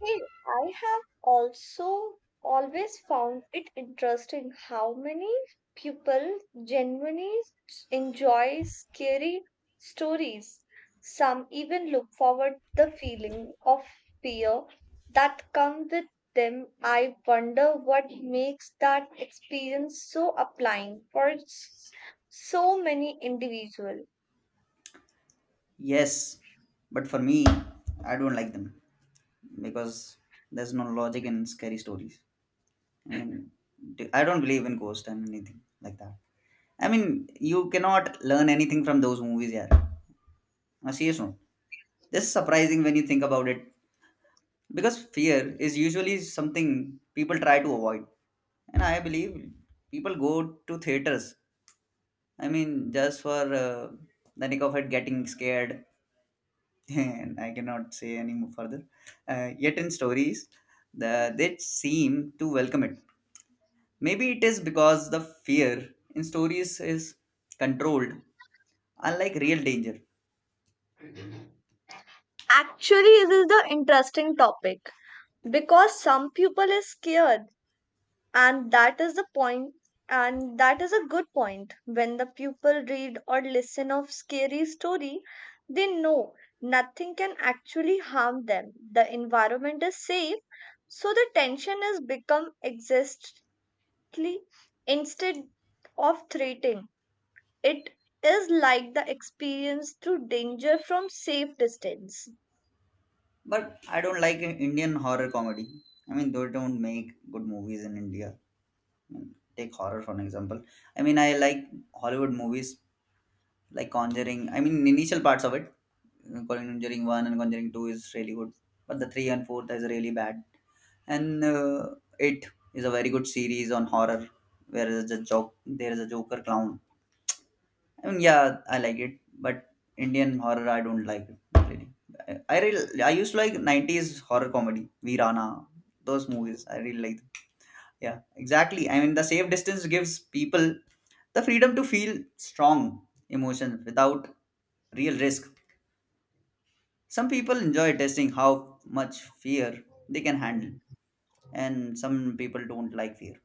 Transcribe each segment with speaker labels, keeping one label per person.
Speaker 1: Hey, I have also always found it interesting how many people genuinely enjoy scary stories. Some even look forward the feeling of fear that comes with them. I wonder what makes that experience so applying for so many individuals.
Speaker 2: Yes, but for me, I don't like them because there's no logic in scary stories. I mean, I don't believe in ghosts and anything like that. I mean, you cannot learn anything from those movies, yeah. On a serious note, this is surprising when you think about it because fear is usually something people try to avoid, and I believe people go to theaters. I mean, just for the nick of it, getting scared and I cannot say any more further. Yet in stories, they seem to welcome it. Maybe it is because the fear in stories is controlled, unlike real danger.
Speaker 1: Actually, this is the interesting topic because some people is scared and that is the point and that is a good point when the pupil read or listen of scary story, they know nothing can actually harm them, the environment is safe, so the tension has become existently instead of threatening. It is like the experience through danger from safe distance.
Speaker 2: But I don't like Indian horror comedy. I mean, they don't make good movies in India. I mean, take horror for an example. I mean, I like Hollywood movies like Conjuring. I mean, initial parts of it, Conjuring One and Conjuring Two is really good, but the three and fourth is really bad. And it is a very good series on horror, where is a joke, there is a Joker clown. I mean, yeah, I like it, but Indian horror I don't like it really. I really I used to like '90s horror comedy, Veerana, those movies. I really like, yeah, exactly. I mean, the safe distance gives people the freedom to feel strong emotions without real risk. Some people enjoy testing how much fear they can handle, and some people don't like fear.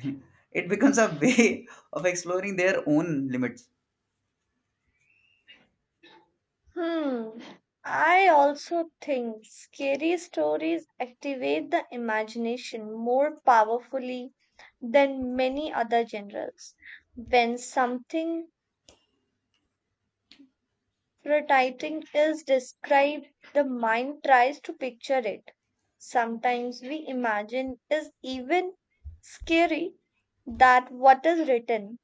Speaker 2: It becomes a way of exploring their own limits.
Speaker 1: Hmm. I also think scary stories activate the imagination more powerfully than many other genres. When something frightening is described, the mind tries to picture it. Sometimes we imagine is even scary that what is written.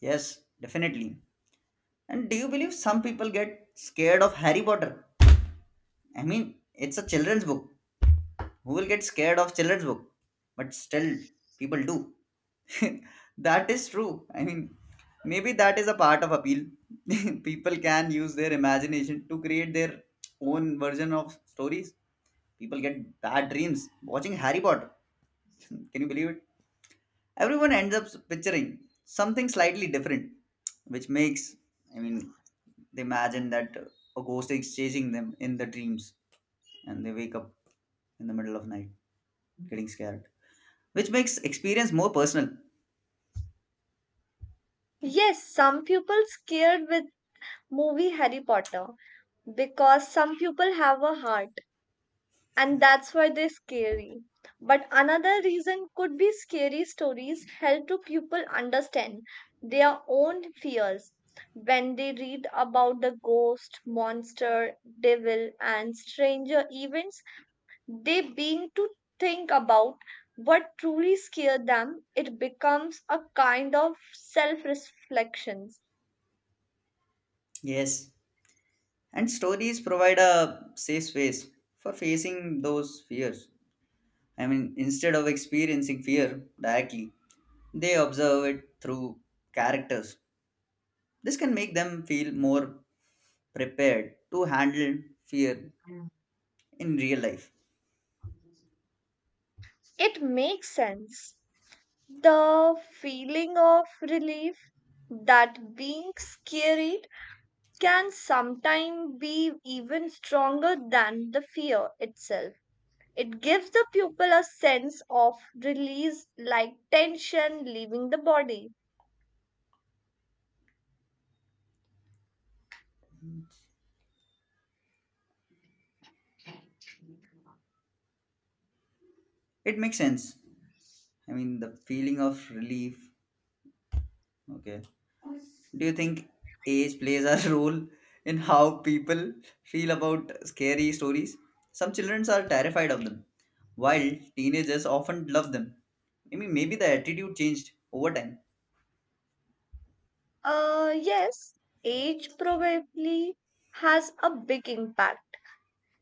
Speaker 2: Yes, definitely. And do you believe some people get scared of Harry Potter? I mean, it's a children's book. Who will get scared of children's book? But still, people do. That is true. I mean, maybe that is a part of appeal. People can use their imagination to create their own version of stories. People get bad dreams watching Harry Potter. Can you believe it? Everyone ends up picturing something slightly different, which makes, I mean, they imagine that a ghost is chasing them in the dreams and they wake up in the middle of night getting scared, which makes experience more personal.
Speaker 1: Yes, some people scared with movie Harry Potter because some people have a heart and that's why they're scary. But another reason could be scary stories help to people understand their own fears. When they read about the ghost, monster, devil, and stranger events, they begin to think about what truly scared them. It becomes a kind of self reflection.
Speaker 2: Yes, and stories provide a safe space for facing those fears. I mean, instead of experiencing fear directly, they observe it through characters. This can make them feel more prepared to handle fear in real life.
Speaker 1: It makes sense. The feeling of relief that being scary can sometimes be even stronger than the fear itself. It gives the pupil a sense of release, like tension leaving the body.
Speaker 2: It makes sense. I mean, the feeling of relief, okay, do you think age plays a role in how people feel about scary stories? Some children are terrified of them, while teenagers often love them. I mean, maybe the attitude changed over time.
Speaker 1: Yes, age probably has a big impact.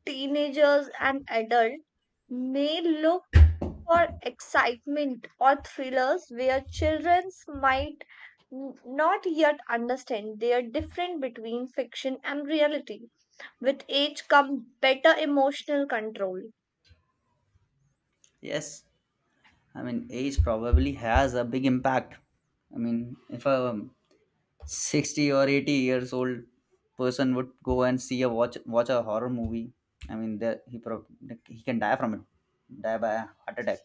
Speaker 1: Teenagers and adults may look for excitement or thrillers where children might not yet understand their difference between fiction and reality. With age comes better emotional control.
Speaker 2: Yes, I mean, age probably has a big impact. I mean, if a 60 or 80 years old person would go and see a watch a horror movie, I mean, there, he can die from it, die by a heart attack.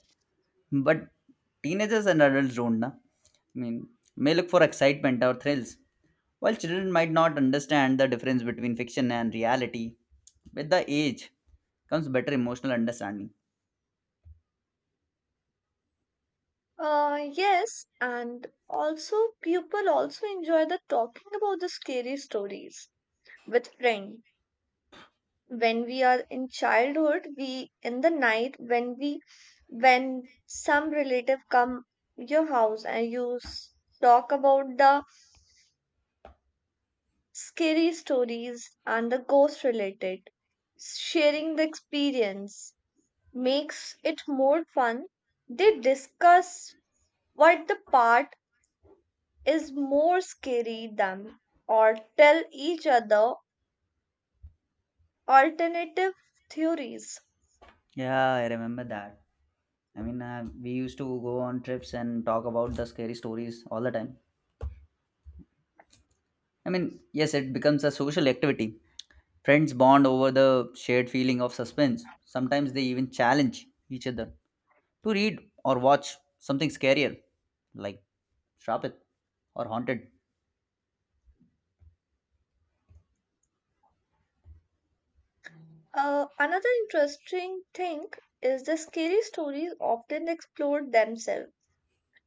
Speaker 2: But teenagers and adults don't. Na? I mean, may look for excitement or thrills, while children might not understand the difference between fiction and reality. With the age comes better emotional understanding.
Speaker 1: Yes, and also people also enjoy the talking about the scary stories with friend. When we are in childhood, we in the night when we when some relative come your house and you talk about the scary stories and the ghost related, sharing the experience makes it more fun. They discuss what the part is more scary than or tell each other alternative theories.
Speaker 2: Yeah, I remember that. I mean, we used to go on trips and talk about the scary stories all the time. I mean, yes, it becomes a social activity. Friends bond over the shared feeling of suspense. Sometimes they even challenge each other to read or watch something scarier, like Shrapit or Haunted.
Speaker 1: Another interesting thing is the scary stories often explore themselves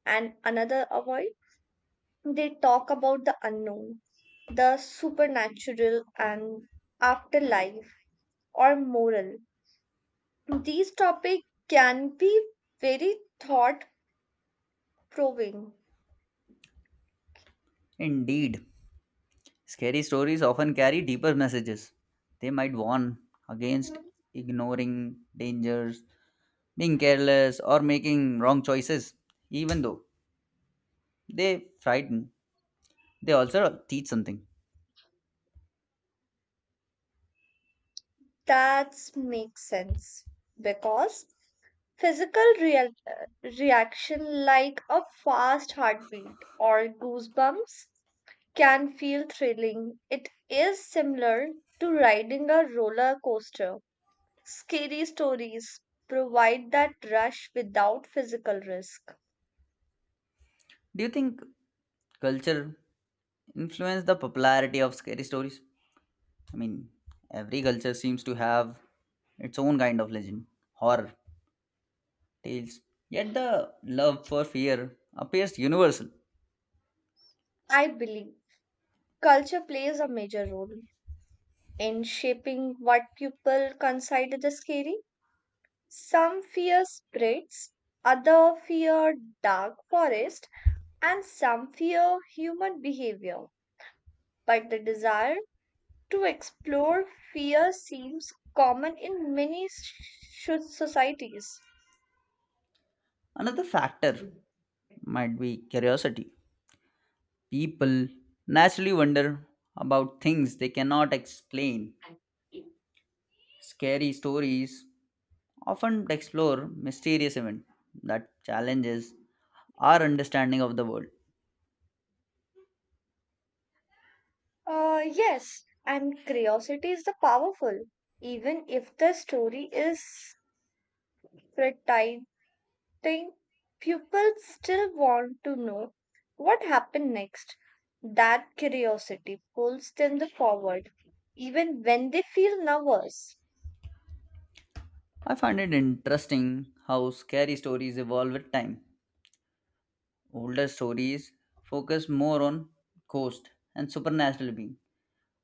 Speaker 1: and another avoid. They talk about the unknown, the supernatural and afterlife or moral. These topics can be very thought provoking.
Speaker 2: Indeed, scary stories often carry deeper messages. They might warn against ignoring dangers, being careless, or making wrong choices. Even though they frighten, they also teach something.
Speaker 1: That makes sense because physical real, reaction like a fast heartbeat or goosebumps can feel thrilling. It is similar to riding a roller coaster. Scary stories provide that rush without physical risk.
Speaker 2: Do you think culture influenced the popularity of scary stories? I mean, every culture seems to have its own kind of legend horror tales. Yet the love for fear appears universal.
Speaker 1: I believe culture plays a major role in shaping what people consider the scary. Some fear spirits, other fear dark forest, and some fear human behavior. But the desire to explore fear seems common in many societies.
Speaker 2: Another factor might be curiosity. People naturally wonder about things they cannot explain. Scary stories often explore mysterious events that challenges our understanding of the world.
Speaker 1: Yes, and curiosity is the powerful, even if the story is pretty thing, pupils still want to know what happened next. That curiosity pulls them the forward even when they feel nervous.
Speaker 2: I find it interesting how scary stories evolve with time. Older stories focus more on ghosts and supernatural beings,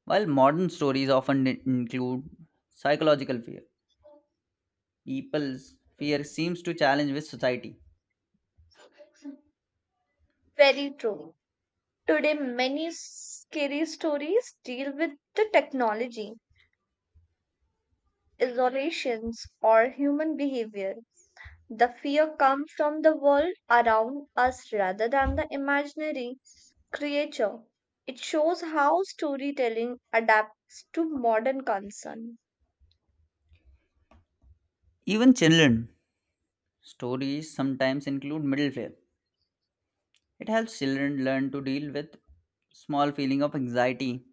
Speaker 2: while modern stories often include psychological fear, people's fear seems to challenge with society.
Speaker 1: Very true. Today, many scary stories deal with the technology, isolations, or human behavior. The fear comes from the world around us rather than the imaginary creature. It shows how storytelling adapts to modern concern.
Speaker 2: Even children stories sometimes include middle fear. It helps children learn to deal with small feeling of anxiety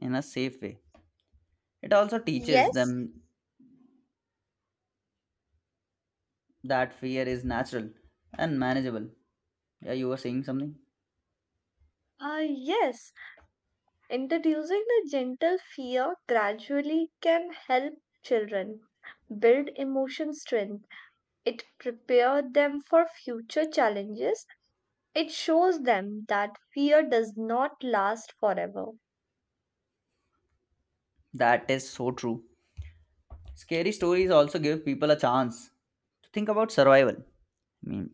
Speaker 2: in a safe way. It also teaches
Speaker 1: Yes,
Speaker 2: them that fear is natural and manageable. Yeah, you were saying something?
Speaker 1: yes. Introducing the gentle fear gradually can help children build emotion strength. It prepares them for future challenges. It shows them that fear does not last forever.
Speaker 2: That is so true. Scary stories also give people a chance to think about survival. I mean,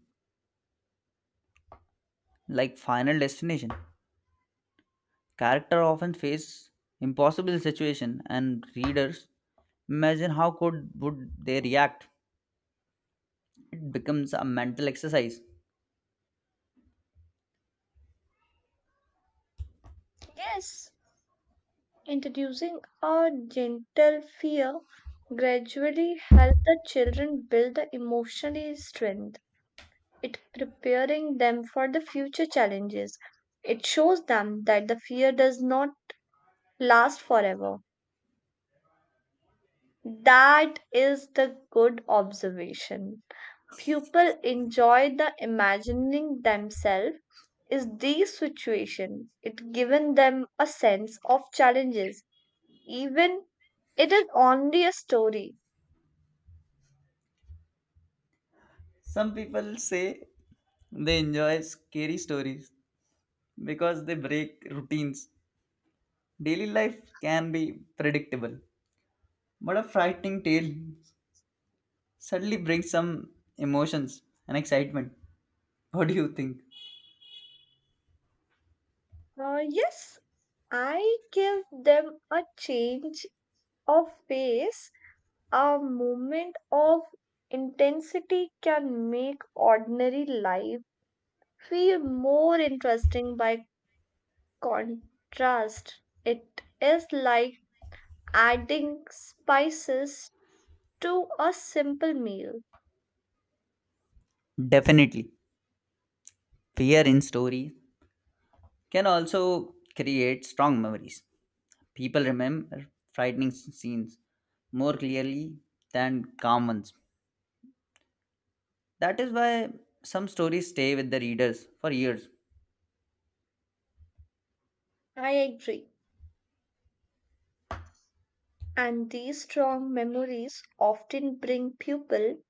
Speaker 2: like Final Destination. Character often face impossible situation and readers imagine how could would they react. It becomes a mental exercise.
Speaker 1: Yes, introducing a gentle fear gradually helps the children build the emotional strength. It preparing them for the future challenges. It shows them that the fear does not last forever. That is the good observation. People enjoy the imagining themselves is these situation. It given them a sense of challenges. Even it is only a story.
Speaker 2: Some people say they enjoy scary stories because they break routines. Daily life can be predictable, but a frightening tale suddenly brings some emotions and excitement. What do you think?
Speaker 1: Yes, I give them a change of pace. A moment of intensity can make ordinary life feel more interesting by contrast. It is like adding spices to a simple meal.
Speaker 2: Definitely. Fear in stories can also create strong memories. People remember frightening scenes more clearly than calm ones. That is why some stories stay with the readers for years.
Speaker 1: I agree. And these strong memories often bring people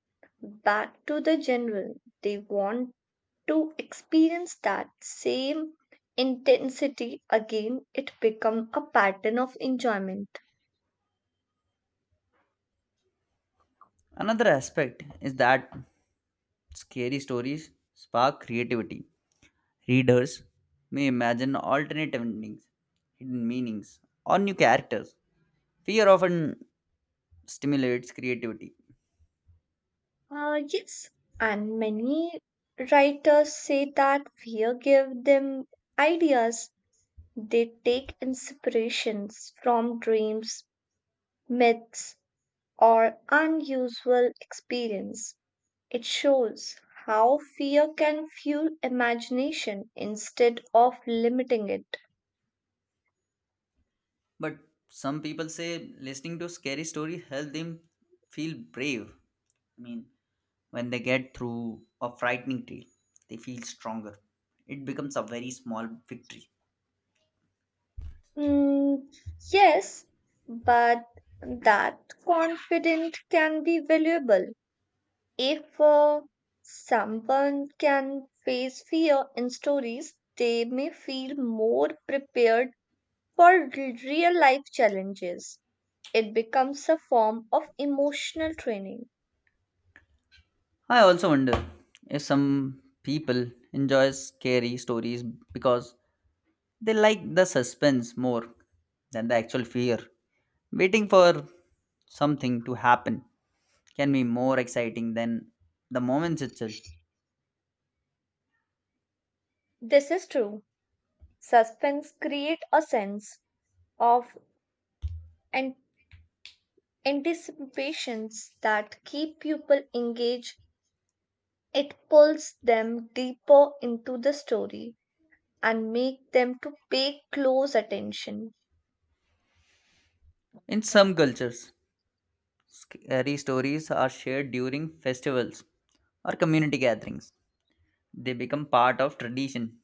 Speaker 1: back to the general. They want to experience that same intensity again, it become a pattern of enjoyment.
Speaker 2: Another aspect is that scary stories spark creativity. Readers may imagine alternative endings, hidden meanings, or new characters. Fear often stimulates creativity.
Speaker 1: Yes, and many writers say that fear give them ideas. They take inspirations from dreams, myths, or unusual experience. It shows how fear can fuel imagination instead of limiting it.
Speaker 2: But some people say listening to scary stories help them feel brave. I mean, when they get through a frightening trail, they feel stronger. It becomes a very small victory.
Speaker 1: Mm, yes, but that confidence can be valuable if someone can face fear in stories, they may feel more prepared for real life challenges. It becomes a form of emotional training.
Speaker 2: I also wonder if some people enjoy scary stories because they like the suspense more than the actual fear. Waiting for something to happen can be more exciting than the moments itself.
Speaker 1: This is true. Suspense create a sense of an anticipations that keep people engaged. It pulls them deeper into the story and make them to pay close attention.
Speaker 2: In some cultures, scary stories are shared during festivals or community gatherings. They become part of tradition.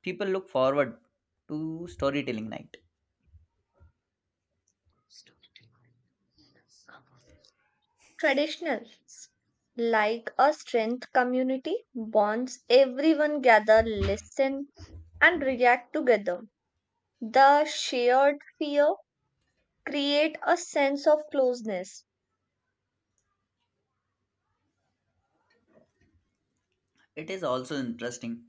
Speaker 2: People look forward to storytelling night.
Speaker 1: Traditionals like a strength community bonds, everyone gather listen and react together, the shared fear create a sense of closeness.
Speaker 2: It is also interesting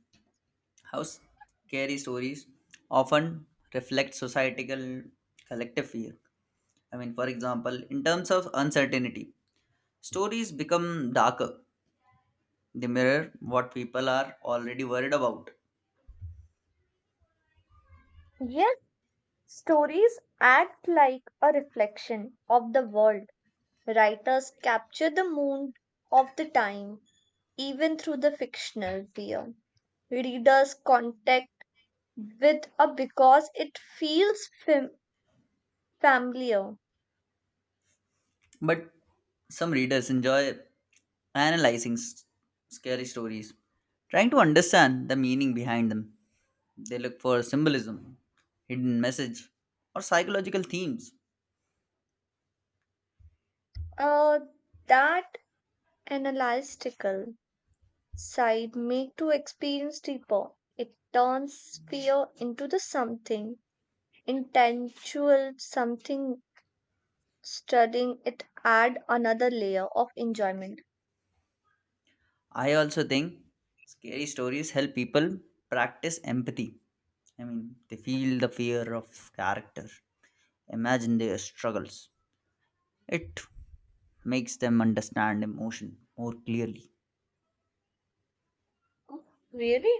Speaker 2: how scary stories often reflect societal collective fear. I mean, for example, in terms of uncertainty, stories become darker. They mirror what people are already worried about.
Speaker 1: Yet stories act like a reflection of the world, writers capture the mood of the time even through the fictional fear. Readers contact with a because it feels fam- familiar.
Speaker 2: But some readers enjoy analyzing scary stories, trying to understand the meaning behind them. They look for symbolism, hidden message, or psychological themes.
Speaker 1: Uh, that analytical side make to experience deeper. It turns fear into the something intangible, something studying it add another layer of enjoyment.
Speaker 2: I also think scary stories help people practice empathy. I mean, they feel the fear of character, imagine their struggles. It makes them understand emotion more clearly.
Speaker 1: Really?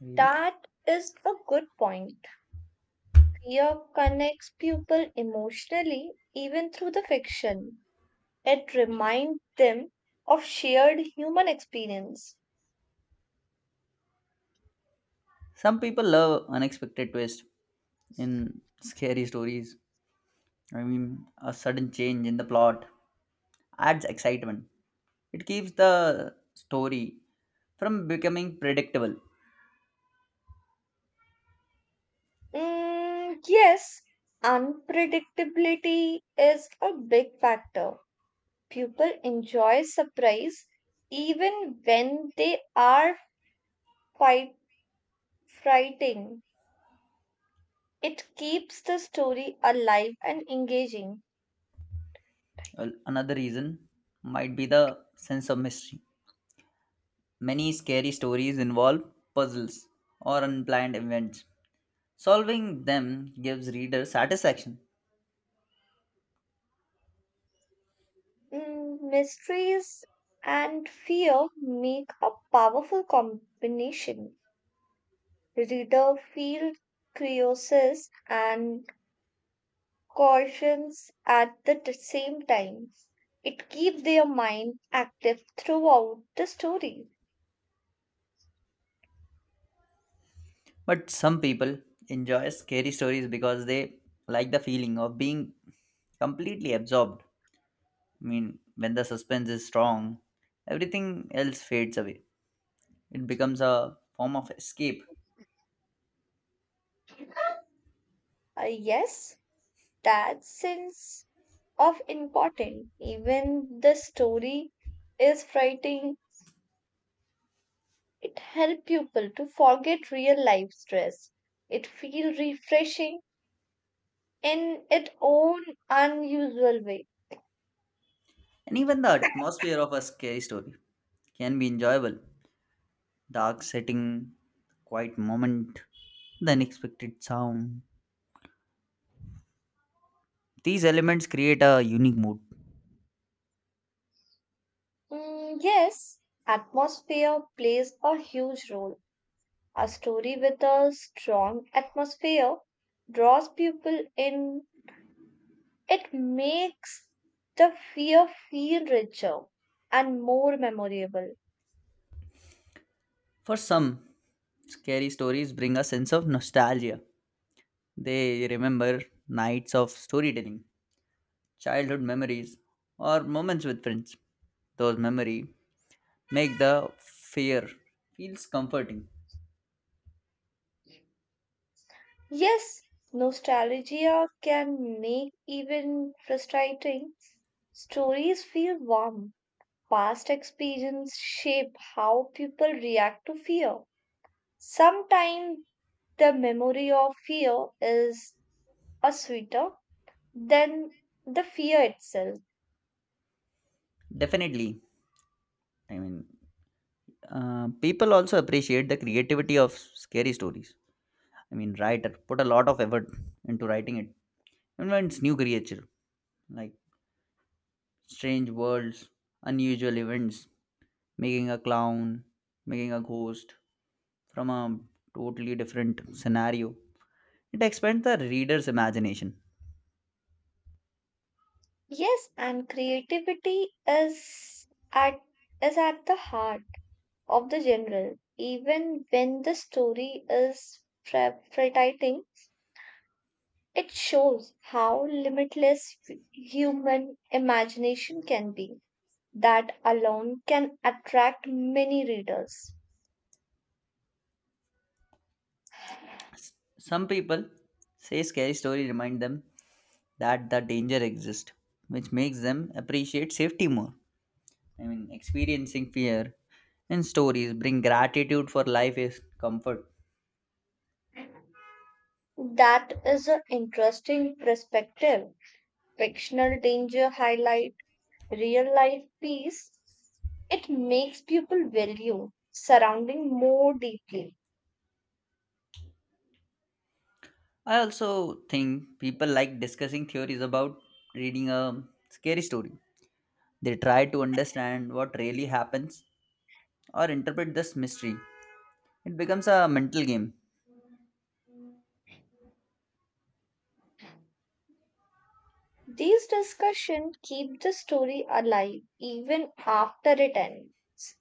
Speaker 2: Really?
Speaker 1: That is a good point. Fear connects people emotionally even through the fiction. It reminds them of shared human experience.
Speaker 2: Some people love unexpected twists in scary stories. I mean, a sudden change in the plot adds excitement. It keeps the story from becoming predictable.
Speaker 1: Mm, yes, unpredictability is a big factor. People enjoy surprise even when they are fight frighting. It keeps the story alive and engaging.
Speaker 2: Well, another reason might be the sense of mystery. Many scary stories involve puzzles or unplanned events. Solving them gives readers satisfaction.
Speaker 1: Mm, mysteries and fear make a powerful combination. Reader feel curious and cautions at the same time. It keeps their mind active throughout the story.
Speaker 2: But some people enjoy scary stories because they like the feeling of being completely absorbed. I mean, when the suspense is strong, everything else fades away. It becomes a form of escape.
Speaker 1: Yes, that sense of important, even the story is frightening. It helps people to forget real life stress. It feels refreshing in its own unusual way.
Speaker 2: And even the atmosphere of a scary story can be enjoyable. Dark setting, quiet moment, the unexpected sound. These elements create a unique mood.
Speaker 1: Mm, yes, atmosphere plays a huge role. A story with a strong atmosphere draws people in, it makes the fear feel richer and more memorable.
Speaker 2: For some, scary stories bring a sense of nostalgia. They remember nights of storytelling, childhood memories, or moments with friends. Those memories make the fear feels comforting.
Speaker 1: Yes, nostalgia can make even frustrating stories feel warm. Past experience shape how people react to fear. Sometimes the memory of fear is a sweeter than the fear itself.
Speaker 2: Definitely, I mean, people also appreciate the creativity of scary stories. I mean, writer put a lot of effort into writing it. And when it's new creature, like strange worlds, unusual events, making a clown, making a ghost from a totally different scenario. It expands the reader's imagination.
Speaker 1: Yes, and creativity is at the heart of the general. Even when the story is frightening, it shows how limitless human imagination can be. That alone can attract many readers.
Speaker 2: S- Some people say scary story remind them that the danger exists, which makes them appreciate safety more. I mean, experiencing fear in stories bring gratitude for life is comfort.
Speaker 1: That is an interesting perspective, fictional danger highlight real life peace, it makes people value surrounding more deeply.
Speaker 2: I also think people like discussing theories about reading a scary story. They try to understand what really happens or interpret this mystery. It becomes a mental game.
Speaker 1: These discussions keep the story alive even after it ends.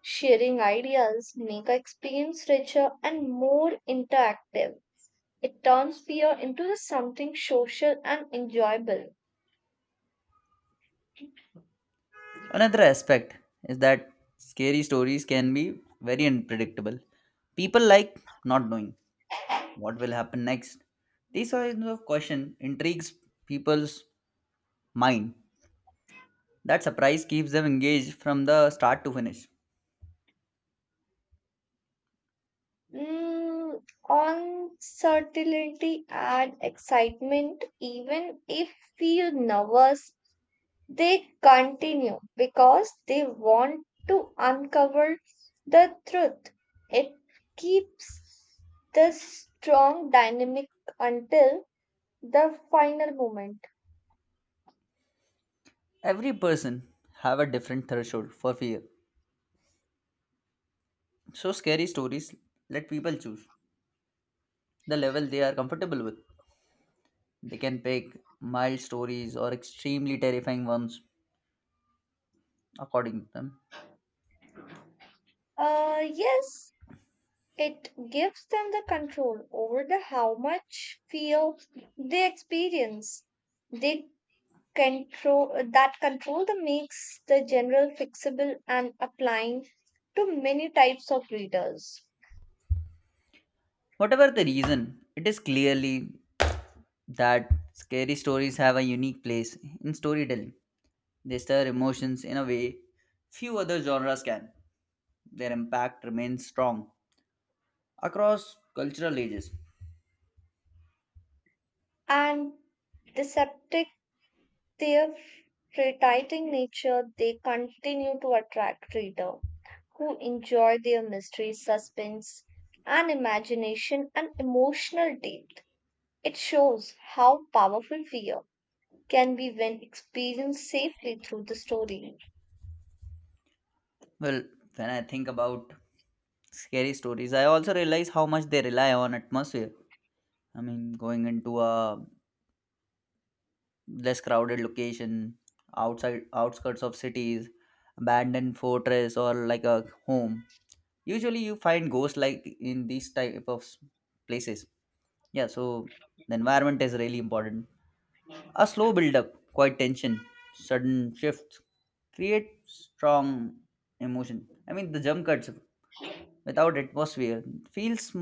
Speaker 1: Sharing ideas make our experience richer and more interactive. It turns fear into something social and enjoyable.
Speaker 2: Another aspect is that scary stories can be very unpredictable. People like not knowing what will happen next. These kinds of question intrigues people's mind. That surprise keeps them engaged from the start to finish.
Speaker 1: Mm, uncertainty and excitement, even if feel nervous, they continue because they want to uncover the truth. It keeps the strong dynamic until the final moment.
Speaker 2: Every person have a different threshold for fear. So scary stories let people choose the level they are comfortable with. They can pick mild stories or extremely terrifying ones according to them.
Speaker 1: Yes, it gives them the control over the how much feel they experience. They control control the makes the general fixable and applying to many types of readers
Speaker 2: Whatever the reason, it is clearly that scary stories have a unique place in storytelling. They stir emotions in a way few other genres can. Their impact remains strong across cultural ages.
Speaker 1: and deceptive their retaiting nature, they continue to attract reader who enjoy their mystery suspense and imagination and emotional depth. It shows how powerful fear can be when experienced safely through the story.
Speaker 2: Well, when I think about scary stories, I also realize how much they rely on atmosphere. I mean, going into a less crowded location, outside outskirts of cities, abandoned fortress or like a home. Usually you find ghosts like in these type of places. Yeah, so the environment is really important. A slow build up, quiet tension, sudden shifts create strong emotion. I mean, the jump cuts without atmosphere feels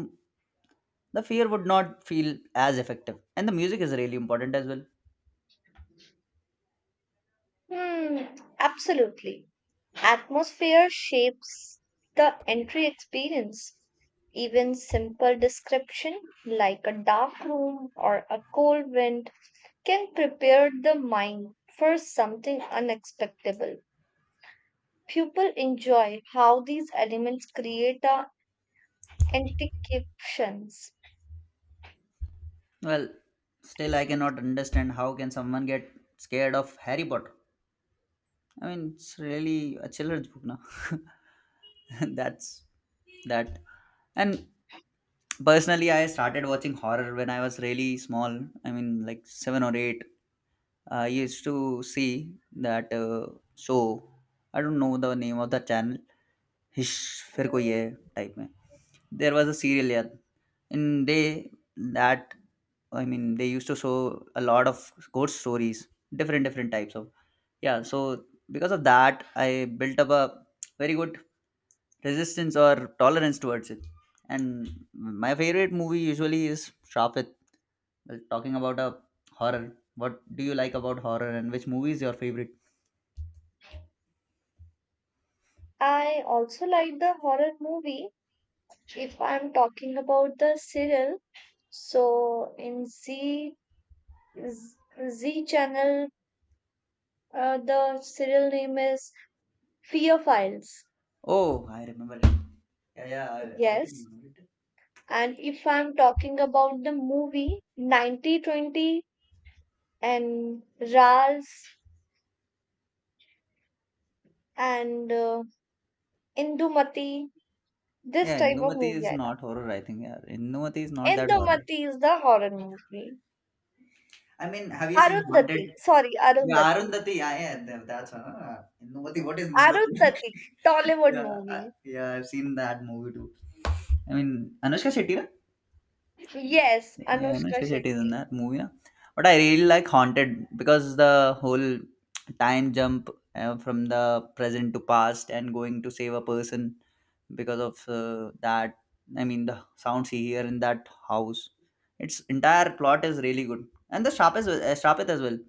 Speaker 2: the fear would not feel as effective, and the music is really important as well.
Speaker 1: Hmm, absolutely. Atmosphere shapes the entry experience. Even simple description like a dark room or a cold wind can prepare the mind for something unexpectable. People enjoy how these elements create a antications.
Speaker 2: Well, still I cannot understand how can someone get scared of Harry Potter. I mean, it's really a children's book now. That's that. And personally, I started watching horror when I was really small. I mean, like 7 or 8. I used to see that show. I don't know the name of the channel. हिश फिर कोई है type में there was a serial यार in they that I mean they use to show a lot of good stories different different types of. Yeah, so because of that I built up a very good resistance or tolerance towards it, and my favorite movie usually is sharp. Well, talking about a horror, what do you like about horror and which movie is your favorite?
Speaker 1: I also like the horror movie if I'm talking about the serial. So in Z channel, the serial name is Fear Files.
Speaker 2: Oh, I remember it. Yeah, yeah, I can
Speaker 1: Yes.
Speaker 2: remember it.
Speaker 1: And if I'm talking about the movie 9020 and Rals and Indumati, this
Speaker 2: Yeah,
Speaker 1: type of
Speaker 2: Indumati
Speaker 1: movie
Speaker 2: is
Speaker 1: I
Speaker 2: not horror, I think. Yeah, Indumati is
Speaker 1: love.
Speaker 2: not that horror.
Speaker 1: Indumati is the horror movie.
Speaker 2: I mean, have you seen Haunted?
Speaker 1: Arundhati, sorry,
Speaker 2: Yeah,
Speaker 1: Arundhati.
Speaker 2: Arundhati. Yeah, yeah, that's one. Indumati. What is Indumati?
Speaker 1: Arundhati, Tollywood
Speaker 2: yeah,
Speaker 1: movie.
Speaker 2: yeah, I've seen that movie too. I mean, Anushka Shetty, right?
Speaker 1: Yes,
Speaker 2: Yeah,
Speaker 1: Anushka
Speaker 2: Anushka Shetty is in
Speaker 1: Shetty.
Speaker 2: that movie, na? But I really like Haunted because the whole time jump from the present to past and going to save a person because of that. I mean, the sounds he hear in that house. Its entire plot is really good, and the sharpest as well.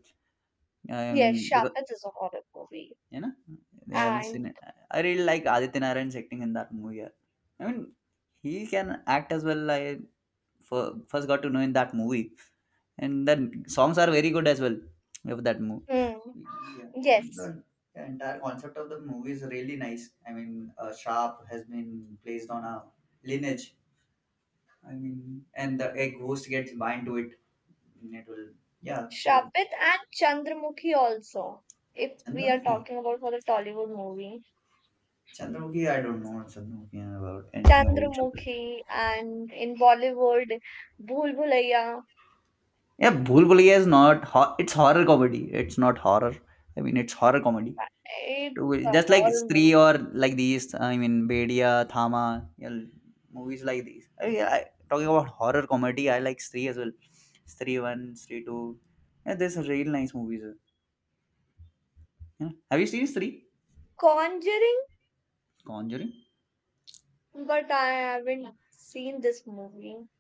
Speaker 2: I
Speaker 1: Yes,
Speaker 2: mean, because
Speaker 1: Shapat is a horror movie.
Speaker 2: you know, yeah, we've seen
Speaker 1: And
Speaker 2: it. I really like Aditya Narayan's acting in that movie. Yeah. I mean, he can act as well. I for first got to know in that movie, and the songs are very good as well of that movie.
Speaker 1: hmm,
Speaker 2: Yeah, and
Speaker 1: yes,
Speaker 2: the entire concept of the movie is really nice. I mean, a sharp has been placed on a lineage. I mean, and the a ghost gets bind to it. And it will, yeah. So
Speaker 1: Shapit and Chandramukhi also. If we are
Speaker 2: Chandramukhi,
Speaker 1: talking about for the Tollywood movie,
Speaker 2: Chandramukhi, I don't know what Chandramukhi is about anything about Chandramukhi.
Speaker 1: Chandramukhi and in Bollywood, Bhool Bhulaiya,
Speaker 2: Yeah, Bhool Bhulaiya is not. It's horror comedy. It's not horror. I mean, it's horror comedy.
Speaker 1: it's a
Speaker 2: Just like
Speaker 1: horror
Speaker 2: Stree
Speaker 1: movie.
Speaker 2: or like these I mean bedia thama, you know, movies like these, I talking about horror comedy. I like Stree as well. Stree 1, Stree 2. Yeah, there's a real nice movies yeah. Have you seen Stree,
Speaker 1: Conjuring,
Speaker 2: Conjuring?
Speaker 1: but I haven't seen this movie.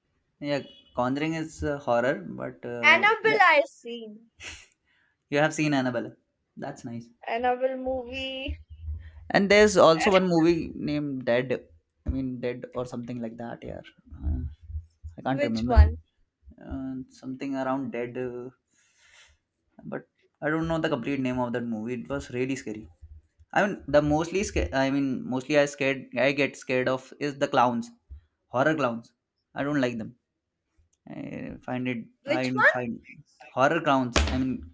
Speaker 2: Yeah, Conjuring is horror, but yeah,
Speaker 1: Annabelle, I seen
Speaker 2: you have seen Annabelle. That's nice.
Speaker 1: Annabelle movie.
Speaker 2: And there's also one movie named Dead. I mean Dead or something like that, yeah. uh, I can't
Speaker 1: Which
Speaker 2: remember it.
Speaker 1: one?
Speaker 2: uh, something around Dead, but I don't know the complete name of that movie. It was really scary. I mean, the mostly I mean, mostly I scared. I get scared of is the clowns, horror clowns. I don't like them. I find it.
Speaker 1: Which
Speaker 2: I
Speaker 1: one?
Speaker 2: find horror clowns. I mean,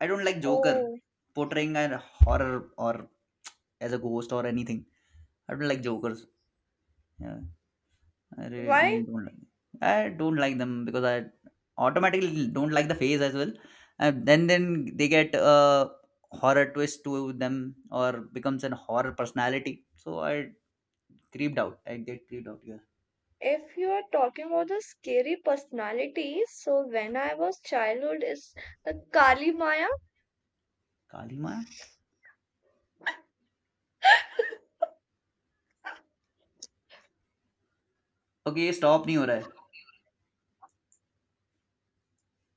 Speaker 2: I don't like Joker
Speaker 1: Oh,
Speaker 2: portraying a horror or as a ghost or anything. I don't like Jokers. Yeah. I really
Speaker 1: why?
Speaker 2: don't like. I don't like them because I automatically don't like the face as well. And then they get a horror twist to them or becomes an horror personality. So I creeped out. I get creeped out here.
Speaker 1: If you are talking about the scary personalities, so when I was childhood, is the Kali Maya
Speaker 2: Kali Maya? Okay, ये stop नहीं हो रहा है.